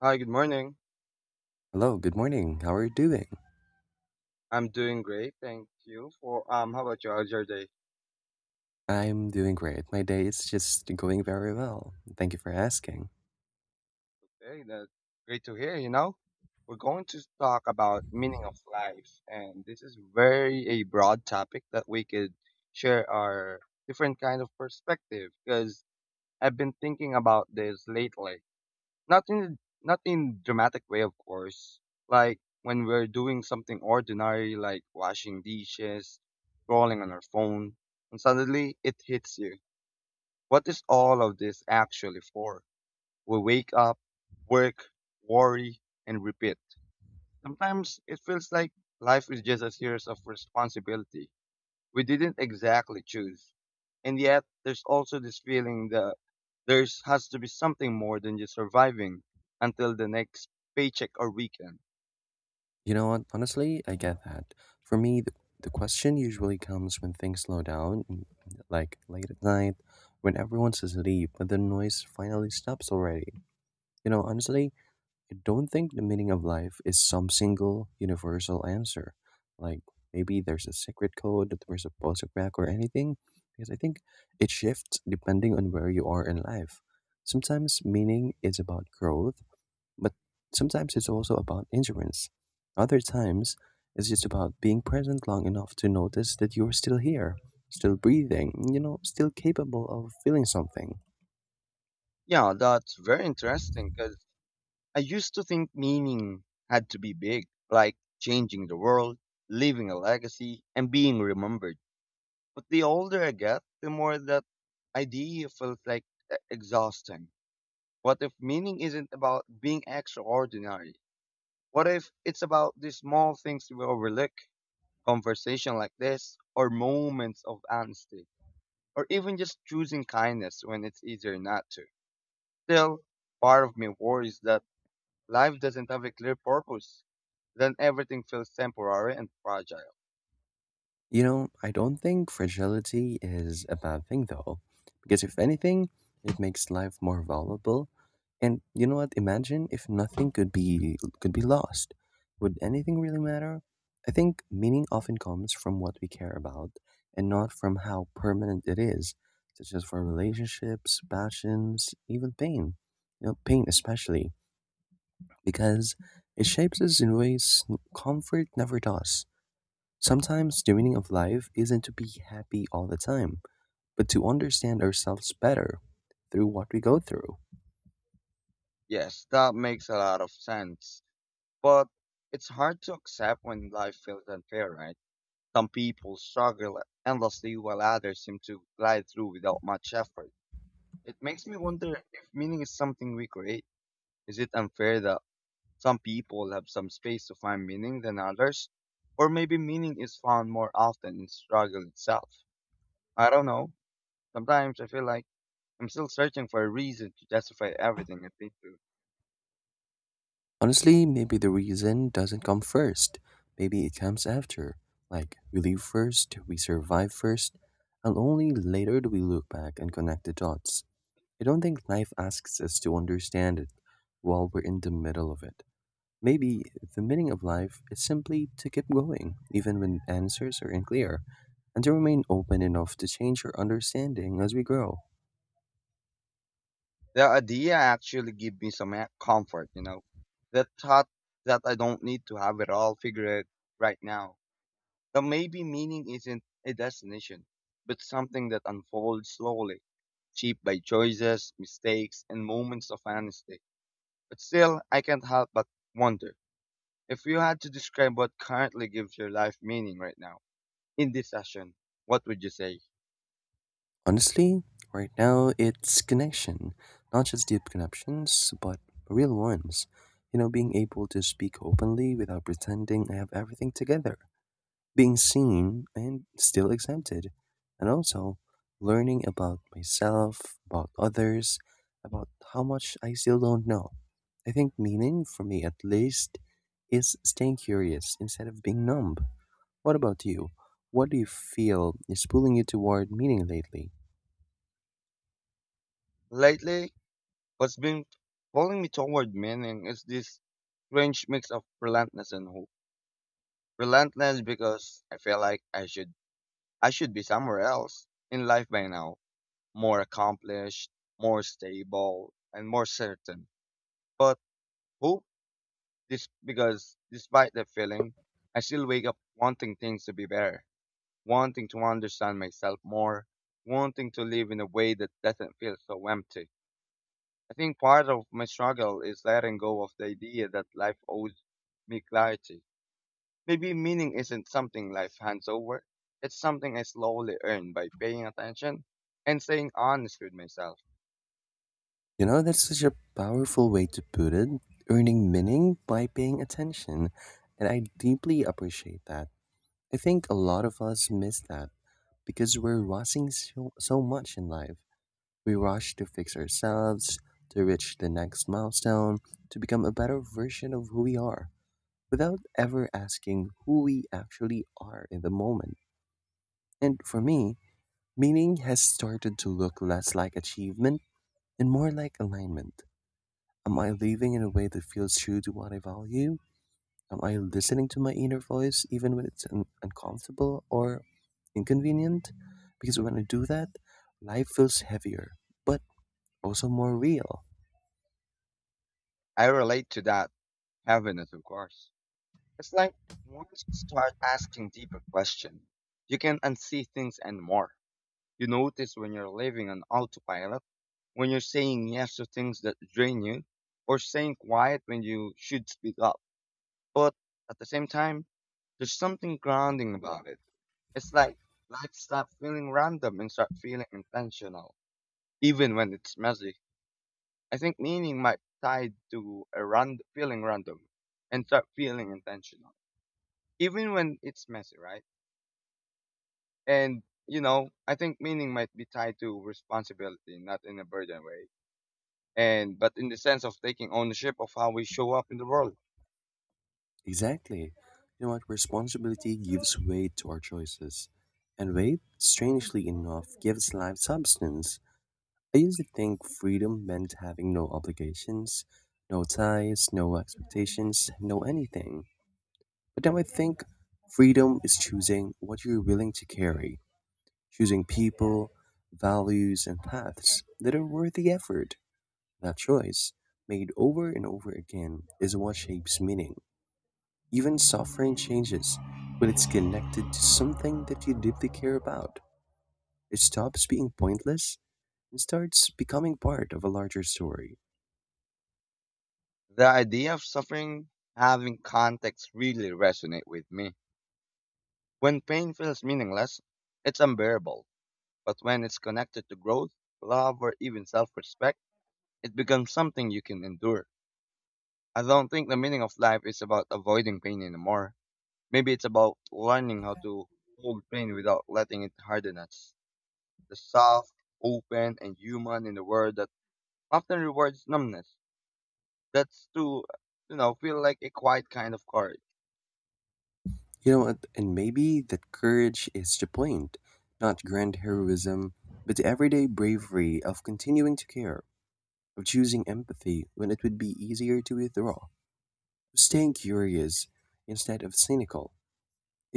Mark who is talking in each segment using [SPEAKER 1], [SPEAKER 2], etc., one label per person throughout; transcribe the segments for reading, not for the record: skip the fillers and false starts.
[SPEAKER 1] Hi, good morning.
[SPEAKER 2] Hello, good morning. How are you doing?
[SPEAKER 1] I'm doing great, thank you. For How about you? How's your day?
[SPEAKER 2] I'm doing great. My day is just going very well. Thank you for asking.
[SPEAKER 1] Okay, that's great to hear. You know, we're going to talk about meaning of life, and this is very a broad topic that we could share our different kind of perspective. Because I've been thinking about this lately, not in dramatic way, of course. Like when we're doing something ordinary, like washing dishes, scrolling on our phone, and suddenly it hits you. What is all of this actually for? We wake up, work, worry, and repeat. Sometimes it feels like life is just a series of responsibility we didn't exactly choose. And yet, there's also this feeling that there's has to be something more than just surviving until the next paycheck or weekend.
[SPEAKER 2] You know what? Honestly, I get that. For me, the question usually comes when things slow down, like late at night, when everyone's asleep, but the noise finally stops already. You know, honestly, don't think the meaning of life is some single universal answer. Like maybe there's a secret code that we're supposed to crack or anything. Because I think it shifts depending on where you are in life. Sometimes meaning is about growth, but sometimes it's also about endurance. Other times, it's just about being present long enough to notice that you're still here, still breathing, you know, still capable of feeling something.
[SPEAKER 1] Yeah, that's very interesting because I used to think meaning had to be big, like changing the world, leaving a legacy, and being remembered. But the older I get, the more that idea feels like exhausting. What if meaning isn't about being extraordinary? What if it's about the small things we overlook, conversation like this, or moments of honesty, or even just choosing kindness when it's easier not to? Still, part of me worries that life doesn't have a clear purpose. Then everything feels temporary and fragile.
[SPEAKER 2] You know, I don't think fragility is a bad thing though, because if anything, it makes life more valuable. And you know what? Imagine if nothing could be lost. Would anything really matter? I think meaning often comes from what we care about and not from how permanent it is, such as for relationships, passions, even pain. You know, pain especially, because it shapes us in ways comfort never does. Sometimes the meaning of life isn't to be happy all the time, but to understand ourselves better through what we go through.
[SPEAKER 1] Yes, that makes a lot of sense. But it's hard to accept when life feels unfair, right? Some people struggle endlessly while others seem to glide through without much effort. It makes me wonder if meaning is something we create. Is it unfair that some people have some space to find meaning than others? Or maybe meaning is found more often in struggle itself. I don't know. Sometimes I feel like I'm still searching for a reason to justify everything I think do.
[SPEAKER 2] Honestly, maybe the reason doesn't come first. Maybe it comes after. Like, we leave first, we survive first, and only later do we look back and connect the dots. I don't think life asks us to understand it while we're in the middle of it. Maybe the meaning of life is simply to keep going, even when answers are unclear, and to remain open enough to change our understanding as we grow.
[SPEAKER 1] The idea actually give me comfort, you know. The thought that I don't need to have it all figured right now. That maybe meaning isn't a destination, but something that unfolds slowly, shaped by choices, mistakes, and moments of honesty. But still, I can't help but wonder, if you had to describe what currently gives your life meaning right now in this session, what would you say?
[SPEAKER 2] Honestly, right now it's connection. Not just deep connections, but real ones. You know, being able to speak openly without pretending I have everything together. Being seen and still accepted, and also learning about myself, about others, about how much I still don't know. I think meaning, for me at least, is staying curious instead of being numb. What about you? What do you feel is pulling you toward meaning lately?
[SPEAKER 1] Lately, what's been pulling me toward meaning is this strange mix of relentless and hope. Relentless because I feel like I should be somewhere else in life by now, more accomplished, more stable, and more certain. But hope this because despite the feeling, I still wake up wanting things to be better, wanting to understand myself more, wanting to live in a way that doesn't feel so empty. I think part of my struggle is letting go of the idea that life owes me clarity. Maybe meaning isn't something life hands over. It's something I slowly earn by paying attention and staying honest with myself.
[SPEAKER 2] You know, that's such a powerful way to put it earning meaning by paying attention, and I deeply appreciate that. I think a lot of us miss that because we're rushing so much in life. We rush to fix ourselves, to reach the next milestone, to become a better version of who we are, without ever asking who we actually are in the moment. And for me, meaning has started to look less like achievement and more like alignment. Am I living in a way that feels true to what I value? Am I listening to my inner voice even when it's uncomfortable or inconvenient? Because when I do that, life feels heavier, but also more real.
[SPEAKER 1] I relate to that heaviness, of course. It's like once you start asking deeper questions, you can unsee things and more. You notice when you're living on autopilot, when you're saying yes to things that drain you, or staying quiet when you should speak up. But at the same time, there's something grounding about it. It's like life stops feeling random and start feeling intentional, even when it's messy. I think meaning might tie to feeling random and start feeling intentional, even when it's messy, right? And you know, I think meaning might be tied to responsibility, not in a burden way, and but in the sense of taking ownership of how we show up in the world.
[SPEAKER 2] Exactly. You know what? Responsibility gives weight to our choices. And weight, strangely enough, gives life substance. I used to think freedom meant having no obligations, no ties, no expectations, no anything. But now I think freedom is choosing what you're willing to carry choosing people, values, and paths that are worth the effort. That choice, made over and over again, is what shapes meaning. Even suffering changes when it's connected to something that you deeply care about. It stops being pointless and starts becoming part of a larger story.
[SPEAKER 1] The idea of suffering having context really resonate with me. When pain feels meaningless, it's unbearable. But when it's connected to growth, love, or even self respect, it becomes something you can endure. I don't think the meaning of life is about avoiding pain anymore. Maybe it's about learning how to hold pain without letting it harden us. The soft, open, and human in the world that often rewards numbness. That's to, feel like a quiet kind of courage.
[SPEAKER 2] You know what? And maybe that courage is the point, not grand heroism, but the everyday bravery of continuing to care, of choosing empathy when it would be easier to withdraw. Staying curious instead of cynical.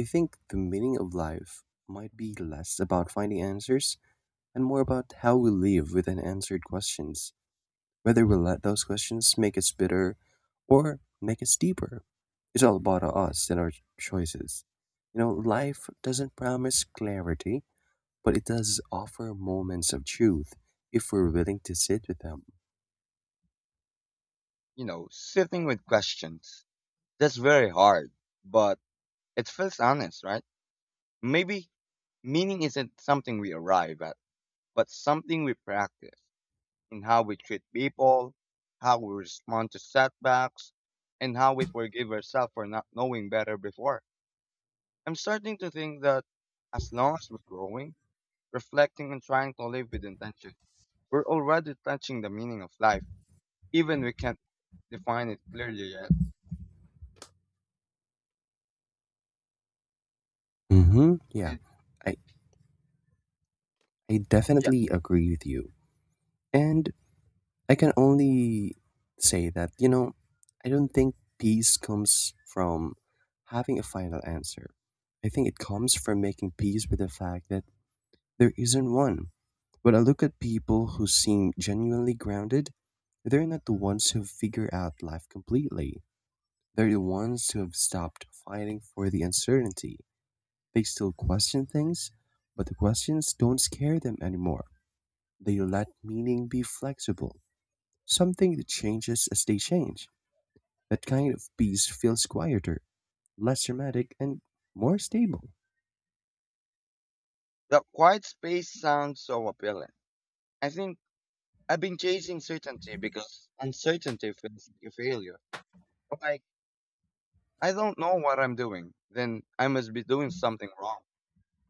[SPEAKER 2] I think the meaning of life might be less about finding answers and more about how we live with unanswered questions, whether we let those questions make us bitter or make us deeper. It's all about us and our choices. You know, life doesn't promise clarity, but it does offer moments of truth if we're willing to sit with them.
[SPEAKER 1] You know, sitting with questions. That's very hard, but it feels honest, right? Maybe meaning isn't something we arrive at, but something we practice in how we treat people, how we respond to setbacks, and how we forgive ourselves for not knowing better before. I'm starting to think that as long as we're growing, reflecting, and trying to live with intention, we're already touching the meaning of life, even we can't define it clearly yet.
[SPEAKER 2] Mm-hmm. Yeah,
[SPEAKER 1] It,
[SPEAKER 2] I, I
[SPEAKER 1] yeah,
[SPEAKER 2] definitely agree with you. And I can only say that, you know, I don't think peace comes from having a final answer. I think it comes from making peace with the fact that there isn't one. When I look at people who seem genuinely grounded, they're not the ones who figure out life completely. They're the ones who have stopped fighting for the uncertainty. They still question things, but the questions don't scare them anymore. They let meaning be flexible. Something that changes as they change. That kind of peace feels quieter, less dramatic, and more stable.
[SPEAKER 1] the quiet space sounds so appealing. I think I've been chasing certainty because uncertainty feels like a failure. Like, I don't know what I'm doing, then I must be doing something wrong.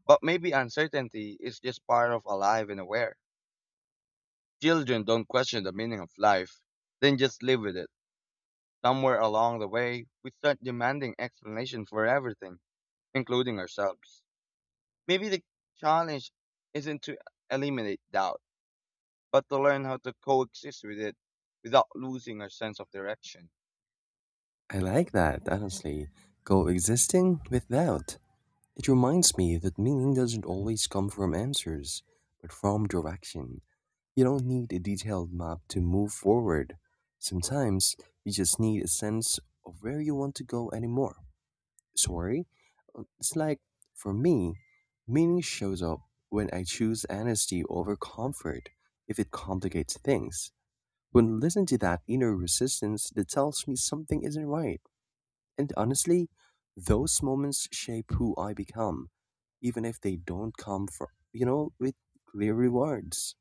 [SPEAKER 1] But maybe uncertainty is just part of alive and aware. Children don't question the meaning of life, then just live with it. Somewhere along the way, we start demanding explanation for everything, including ourselves. Maybe the challenge isn't to eliminate doubt, but to learn how to coexist with it without losing our sense of direction.
[SPEAKER 2] I like that, honestly. Coexisting with doubt. It reminds me that meaning doesn't always come from answers, but from direction. You don't need a detailed map to move forward. Sometimes you just need a sense of where you want to go anymore. Sorry, it's like for me, meaning shows up when I choose honesty over comfort if it complicates things. When listening to that inner resistance that tells me something isn't right. And honestly, those moments shape who I become, even if they don't come from, you know, with clear rewards.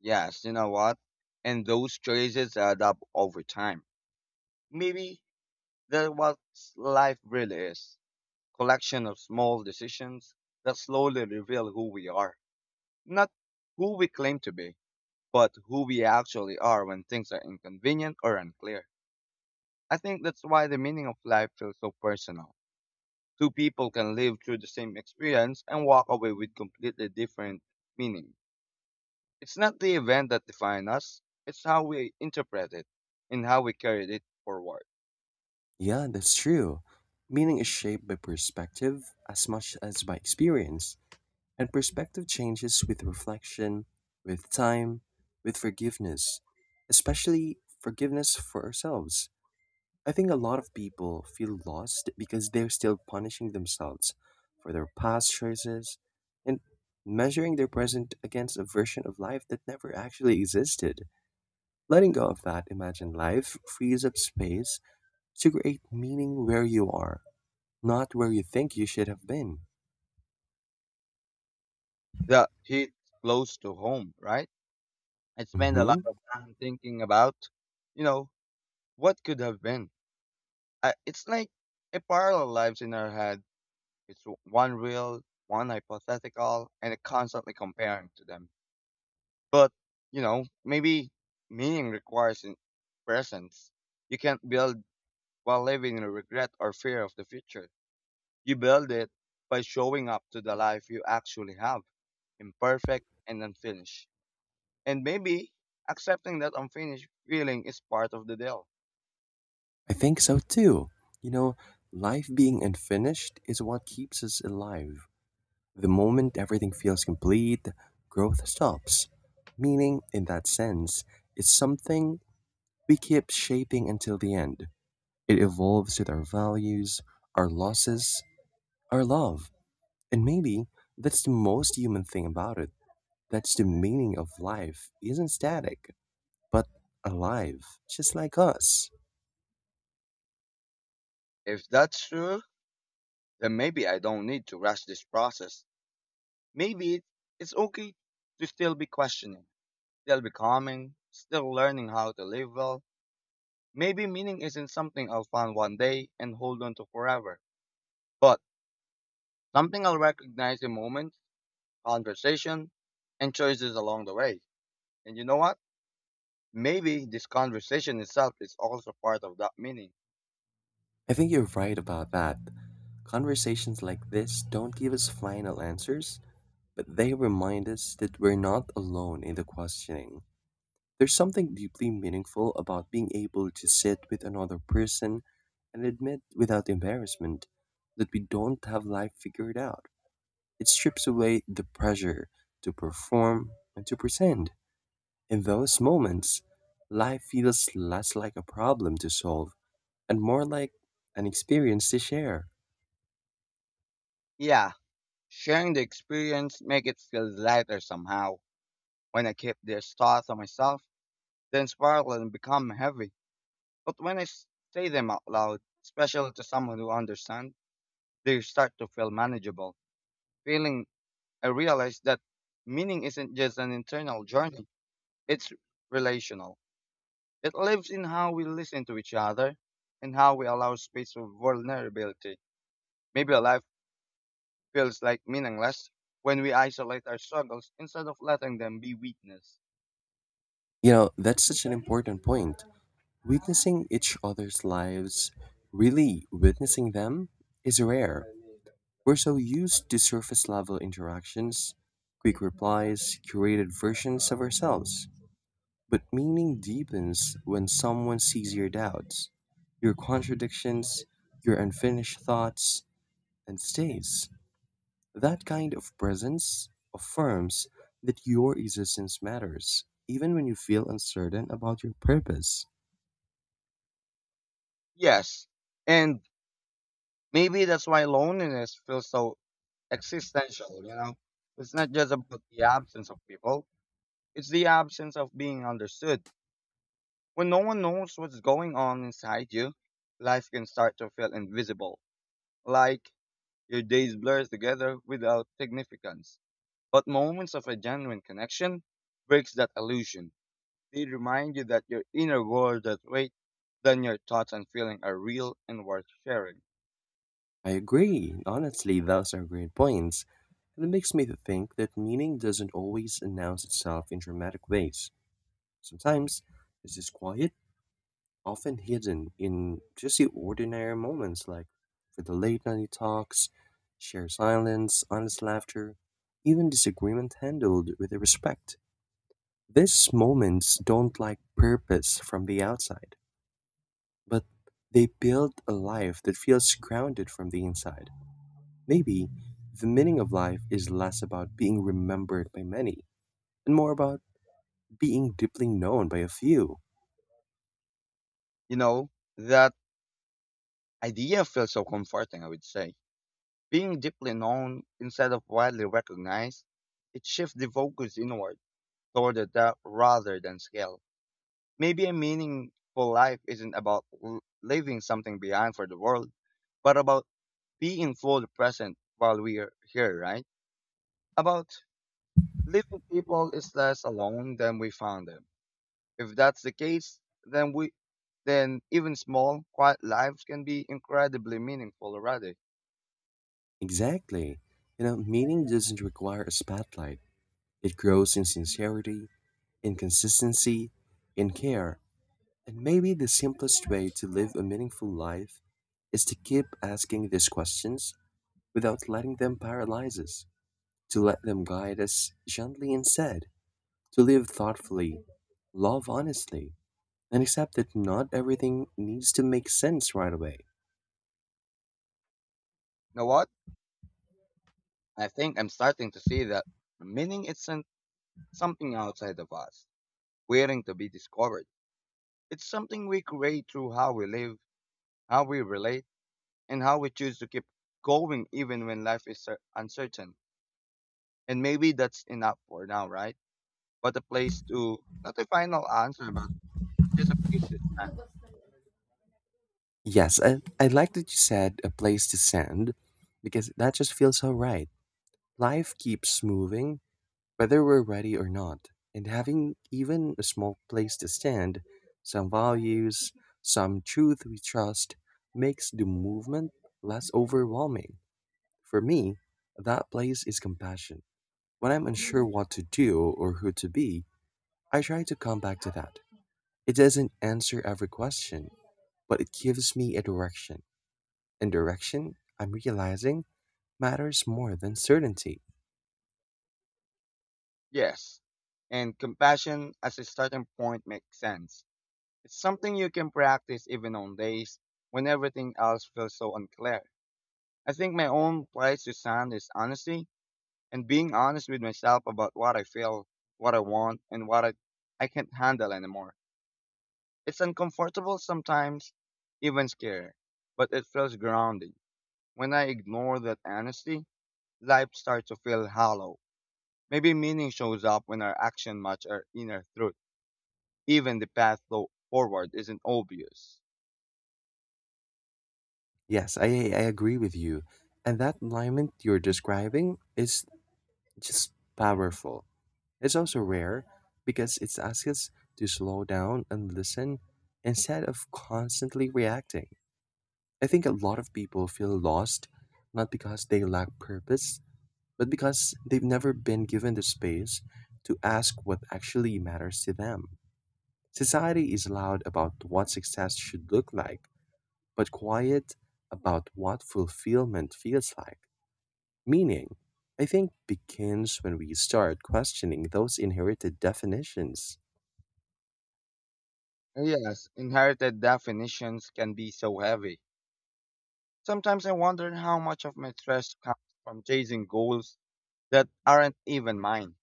[SPEAKER 1] Yes, you know what? And those choices add up over time. Maybe that's what life really is. Collection of small decisions that slowly reveal who we are. Not who we claim to be, but who we actually are when things are inconvenient or unclear. I think that's why the meaning of life feels so personal. Two people can live through the same experience and walk away with completely different meanings. It's not the event that defines us, it's how we interpret it and how we carry it forward.
[SPEAKER 2] Yeah, that's true. Meaning is shaped by perspective as much as by experience. And perspective changes with reflection, with time, with forgiveness, especially forgiveness for ourselves. I think a lot of people feel lost because they're still punishing themselves for their past choices and measuring their present against a version of life that never actually existed. Letting go of that imagined life frees up space to create meaning where you are, not where you think you should have been.
[SPEAKER 1] That hit close to home, right? I spend a lot
[SPEAKER 2] Hmm.
[SPEAKER 1] of time thinking about, you know, what could have been. I, it's like a parallel lives in our head. It's one real, one hypothetical, and constantly comparing to them. But, you know, maybe meaning requires in presence. You can't build while living in regret or fear of the future. You build it by showing up to the life you actually have, imperfect and unfinished. And maybe accepting that unfinished feeling is part of the deal.
[SPEAKER 2] I think so too. You know, life being unfinished is what keeps us alive. The moment everything feels complete, growth stops. Meaning, in that sense, is something we keep shaping until the end. It evolves with our values, our losses, our love. And maybe that's the most human thing about it. That's the meaning of life isn't static, but alive, just like us.
[SPEAKER 1] If that's true, then maybe I don't need to rush this process. Maybe it's okay to still be questioning, still becoming, still learning how to live well. Maybe meaning isn't something I'll find one day and hold on to forever, but something I'll recognize in moments, conversation, and choices along the way. And you know what? Maybe this conversation itself is also part of that meaning.
[SPEAKER 2] I think you're right about that. Conversations like this don't give us final answers, but they remind us that we're not alone in the questioning. There's something deeply meaningful about being able to sit with another person and admit without embarrassment that we don't have life figured out. It strips away the pressure to perform and to pretend. In those moments, life feels less like a problem to solve and more like an experience to share.
[SPEAKER 1] Yeah, sharing the experience make it feel lighter somehow. When I keep these thoughts to myself, then spiral and become heavy. But when say them out loud, especially to someone who understands, they start to feel manageable. Feeling I realize that meaning isn't just an internal journey, it's relational. It lives in how we listen to each other and how we allow space for vulnerability. Maybe a life feels like meaningless when we isolate our struggles instead of letting them be weakness.
[SPEAKER 2] You know, that's such an important point. Witnessing each other's lives, really witnessing them, is rare. We're so used to surface level interactions, quick replies, curated versions of ourselves. But meaning deepens when someone sees your doubts, your contradictions, your unfinished thoughts, and stays. That kind of presence affirms that your existence matters, even when you feel uncertain about your purpose.
[SPEAKER 1] Yes. And maybe that's why loneliness feels so existential, you know? It's not just about the absence of people, it's the absence of being understood. When no one knows what's going on inside you, life can start to feel invisible. Like your days blur together without significance. But moments of a genuine connection breaks that illusion. They remind you that your inner world that weight than your thoughts and feeling are real and worth sharing.
[SPEAKER 2] I agree. Honestly, those are great points. And it makes me to think that meaning doesn't always announce itself in dramatic ways. Sometimes it's just quiet, often hidden in just the ordinary moments like for the late night talks, shared silence, honest laughter, even disagreement handled with respect. These moments don't like purpose from the outside, but they build a life that feels grounded from the inside. Maybe the meaning of life is less about being remembered by many and more about being deeply known by a few.
[SPEAKER 1] You know, that idea feels so comforting, I would say. Being deeply known instead of widely recognized, it shifts the focus inward toward the depth rather than scale. Maybe a meaningful life isn't about leaving something behind for the world, but about being fully present while we are here, right? About leaving people is less alone than we found them. If that's the case, then even small, quiet lives can be incredibly meaningful already. You
[SPEAKER 2] Exactly. You know, meaning doesn't require a spotlight. It grows in sincerity, in consistency, in care. And maybe the simplest way to live a meaningful life is to keep asking these questions without letting them paralyze us, to let them guide us gently instead, to live thoughtfully, love honestly, and accept that not everything needs to make sense right away.
[SPEAKER 1] know what? I think I'm starting to see that meaning isn't something outside of us, waiting to be discovered. It's something we create through how we live, how we relate, and how we choose to keep going even when life is uncertain. And maybe that's enough for now, right? But a place to, not a final answer, but just a place to stand.
[SPEAKER 2] Yes, I like that you said a place to send because that just feels so right. Life keeps moving, whether we're ready or not. And having even a small place to stand, some values, some truth we trust, makes the movement less overwhelming. For me, that place is compassion. When I'm unsure what to do or who to be, I try to come back to that. It doesn't answer every question, but it gives me a direction. And direction, I'm realizing, matters more than certainty.
[SPEAKER 1] Yes. And compassion as a starting point makes sense. It's something you can practice even on days when everything else feels so unclear. I think my own place to stand is honesty and being honest with myself about what I feel, what I want, and what I can't handle anymore. It's uncomfortable sometimes, even scary, but it feels grounding. When I ignore that honesty, life starts to feel hollow. Maybe meaning shows up when our action match our inner truth. Even the path forward isn't obvious.
[SPEAKER 2] Yes, I agree with you. And that alignment you're describing is just powerful. It's also rare because it asks us to slow down and listen instead of constantly reacting. I think a lot of people feel lost not because they lack purpose but because they've never been given the space to ask what actually matters to them. Society is loud about what success should look like, but quiet about what fulfillment feels like. Meaning, I think, begins when we start questioning those inherited definitions.
[SPEAKER 1] And yes, inherited definitions can be so heavy. Sometimes I wonder how much of my stress comes from chasing goals that aren't even mine.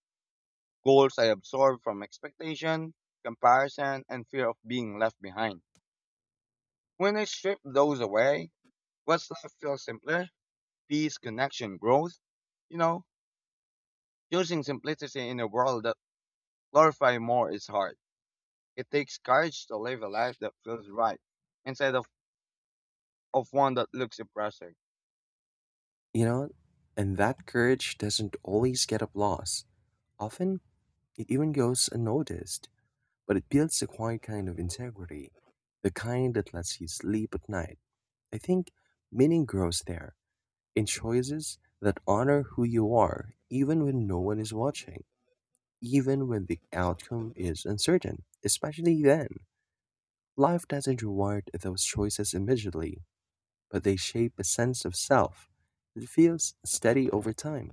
[SPEAKER 1] Goals I absorb from expectation, comparison, and fear of being left behind. When I strip those away, what's left feels simpler peace, connection, growth. You know, choosing simplicity in a world that glorifies more is hard. It takes courage to live a life that feels right instead of, of one that looks impressive.
[SPEAKER 2] You know, and that courage doesn't always get applause. Often, it even goes unnoticed, but it builds a quiet kind of integrity, the kind that lets you sleep at night. I think meaning grows there in choices that honor who you are, even when no one is watching, even when the outcome is uncertain. Especially then, life doesn't reward those choices immediately, but they shape a sense of self that feels steady over time.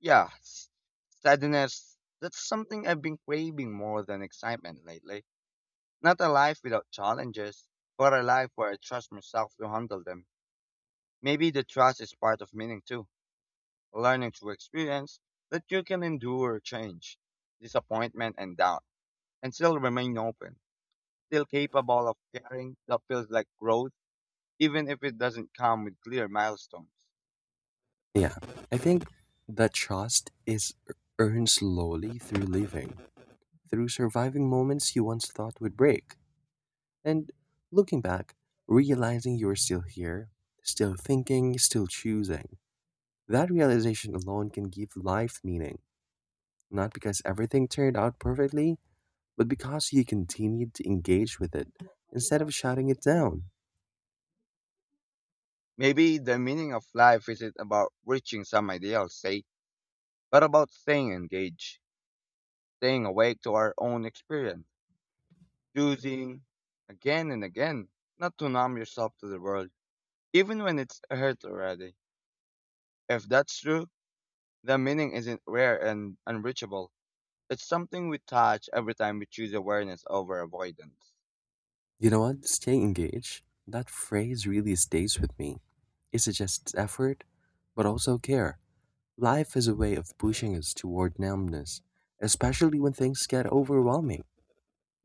[SPEAKER 1] Yeah, steadiness, that's something I've been craving more than excitement lately. Not a life without challenges, but a life where I trust myself to handle them. Maybe the trust is part of meaning too, learning through experience that you can endure change, disappointment, and doubt, and still remain open, still capable of caring that feels like growth even if it doesn't come with clear milestones.
[SPEAKER 2] Yeah, I think that trust is earned slowly through living, through surviving moments you once thought would break. And looking back, realizing you're still here, still thinking, still choosing, that realization alone can give life meaning, not because everything turned out perfectly, but because you continued to engage with it instead of shutting it down.
[SPEAKER 1] Maybe the meaning of life isn't about reaching some ideal state, but about staying engaged, staying awake to our own experience, choosing again and again not to numb yourself to the world, even when it's hurt already. If that's true, the meaning isn't rare and unreachable. It's something we touch every time we choose awareness over avoidance.
[SPEAKER 2] You know what? Stay engaged. That phrase really stays with me. It suggests effort, but also care. Life is a way of pushing us toward numbness, especially when things get overwhelming.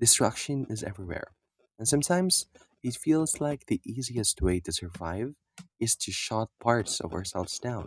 [SPEAKER 2] Destruction is everywhere, and sometimes it feels like the easiest way to survive is to shut parts of ourselves down.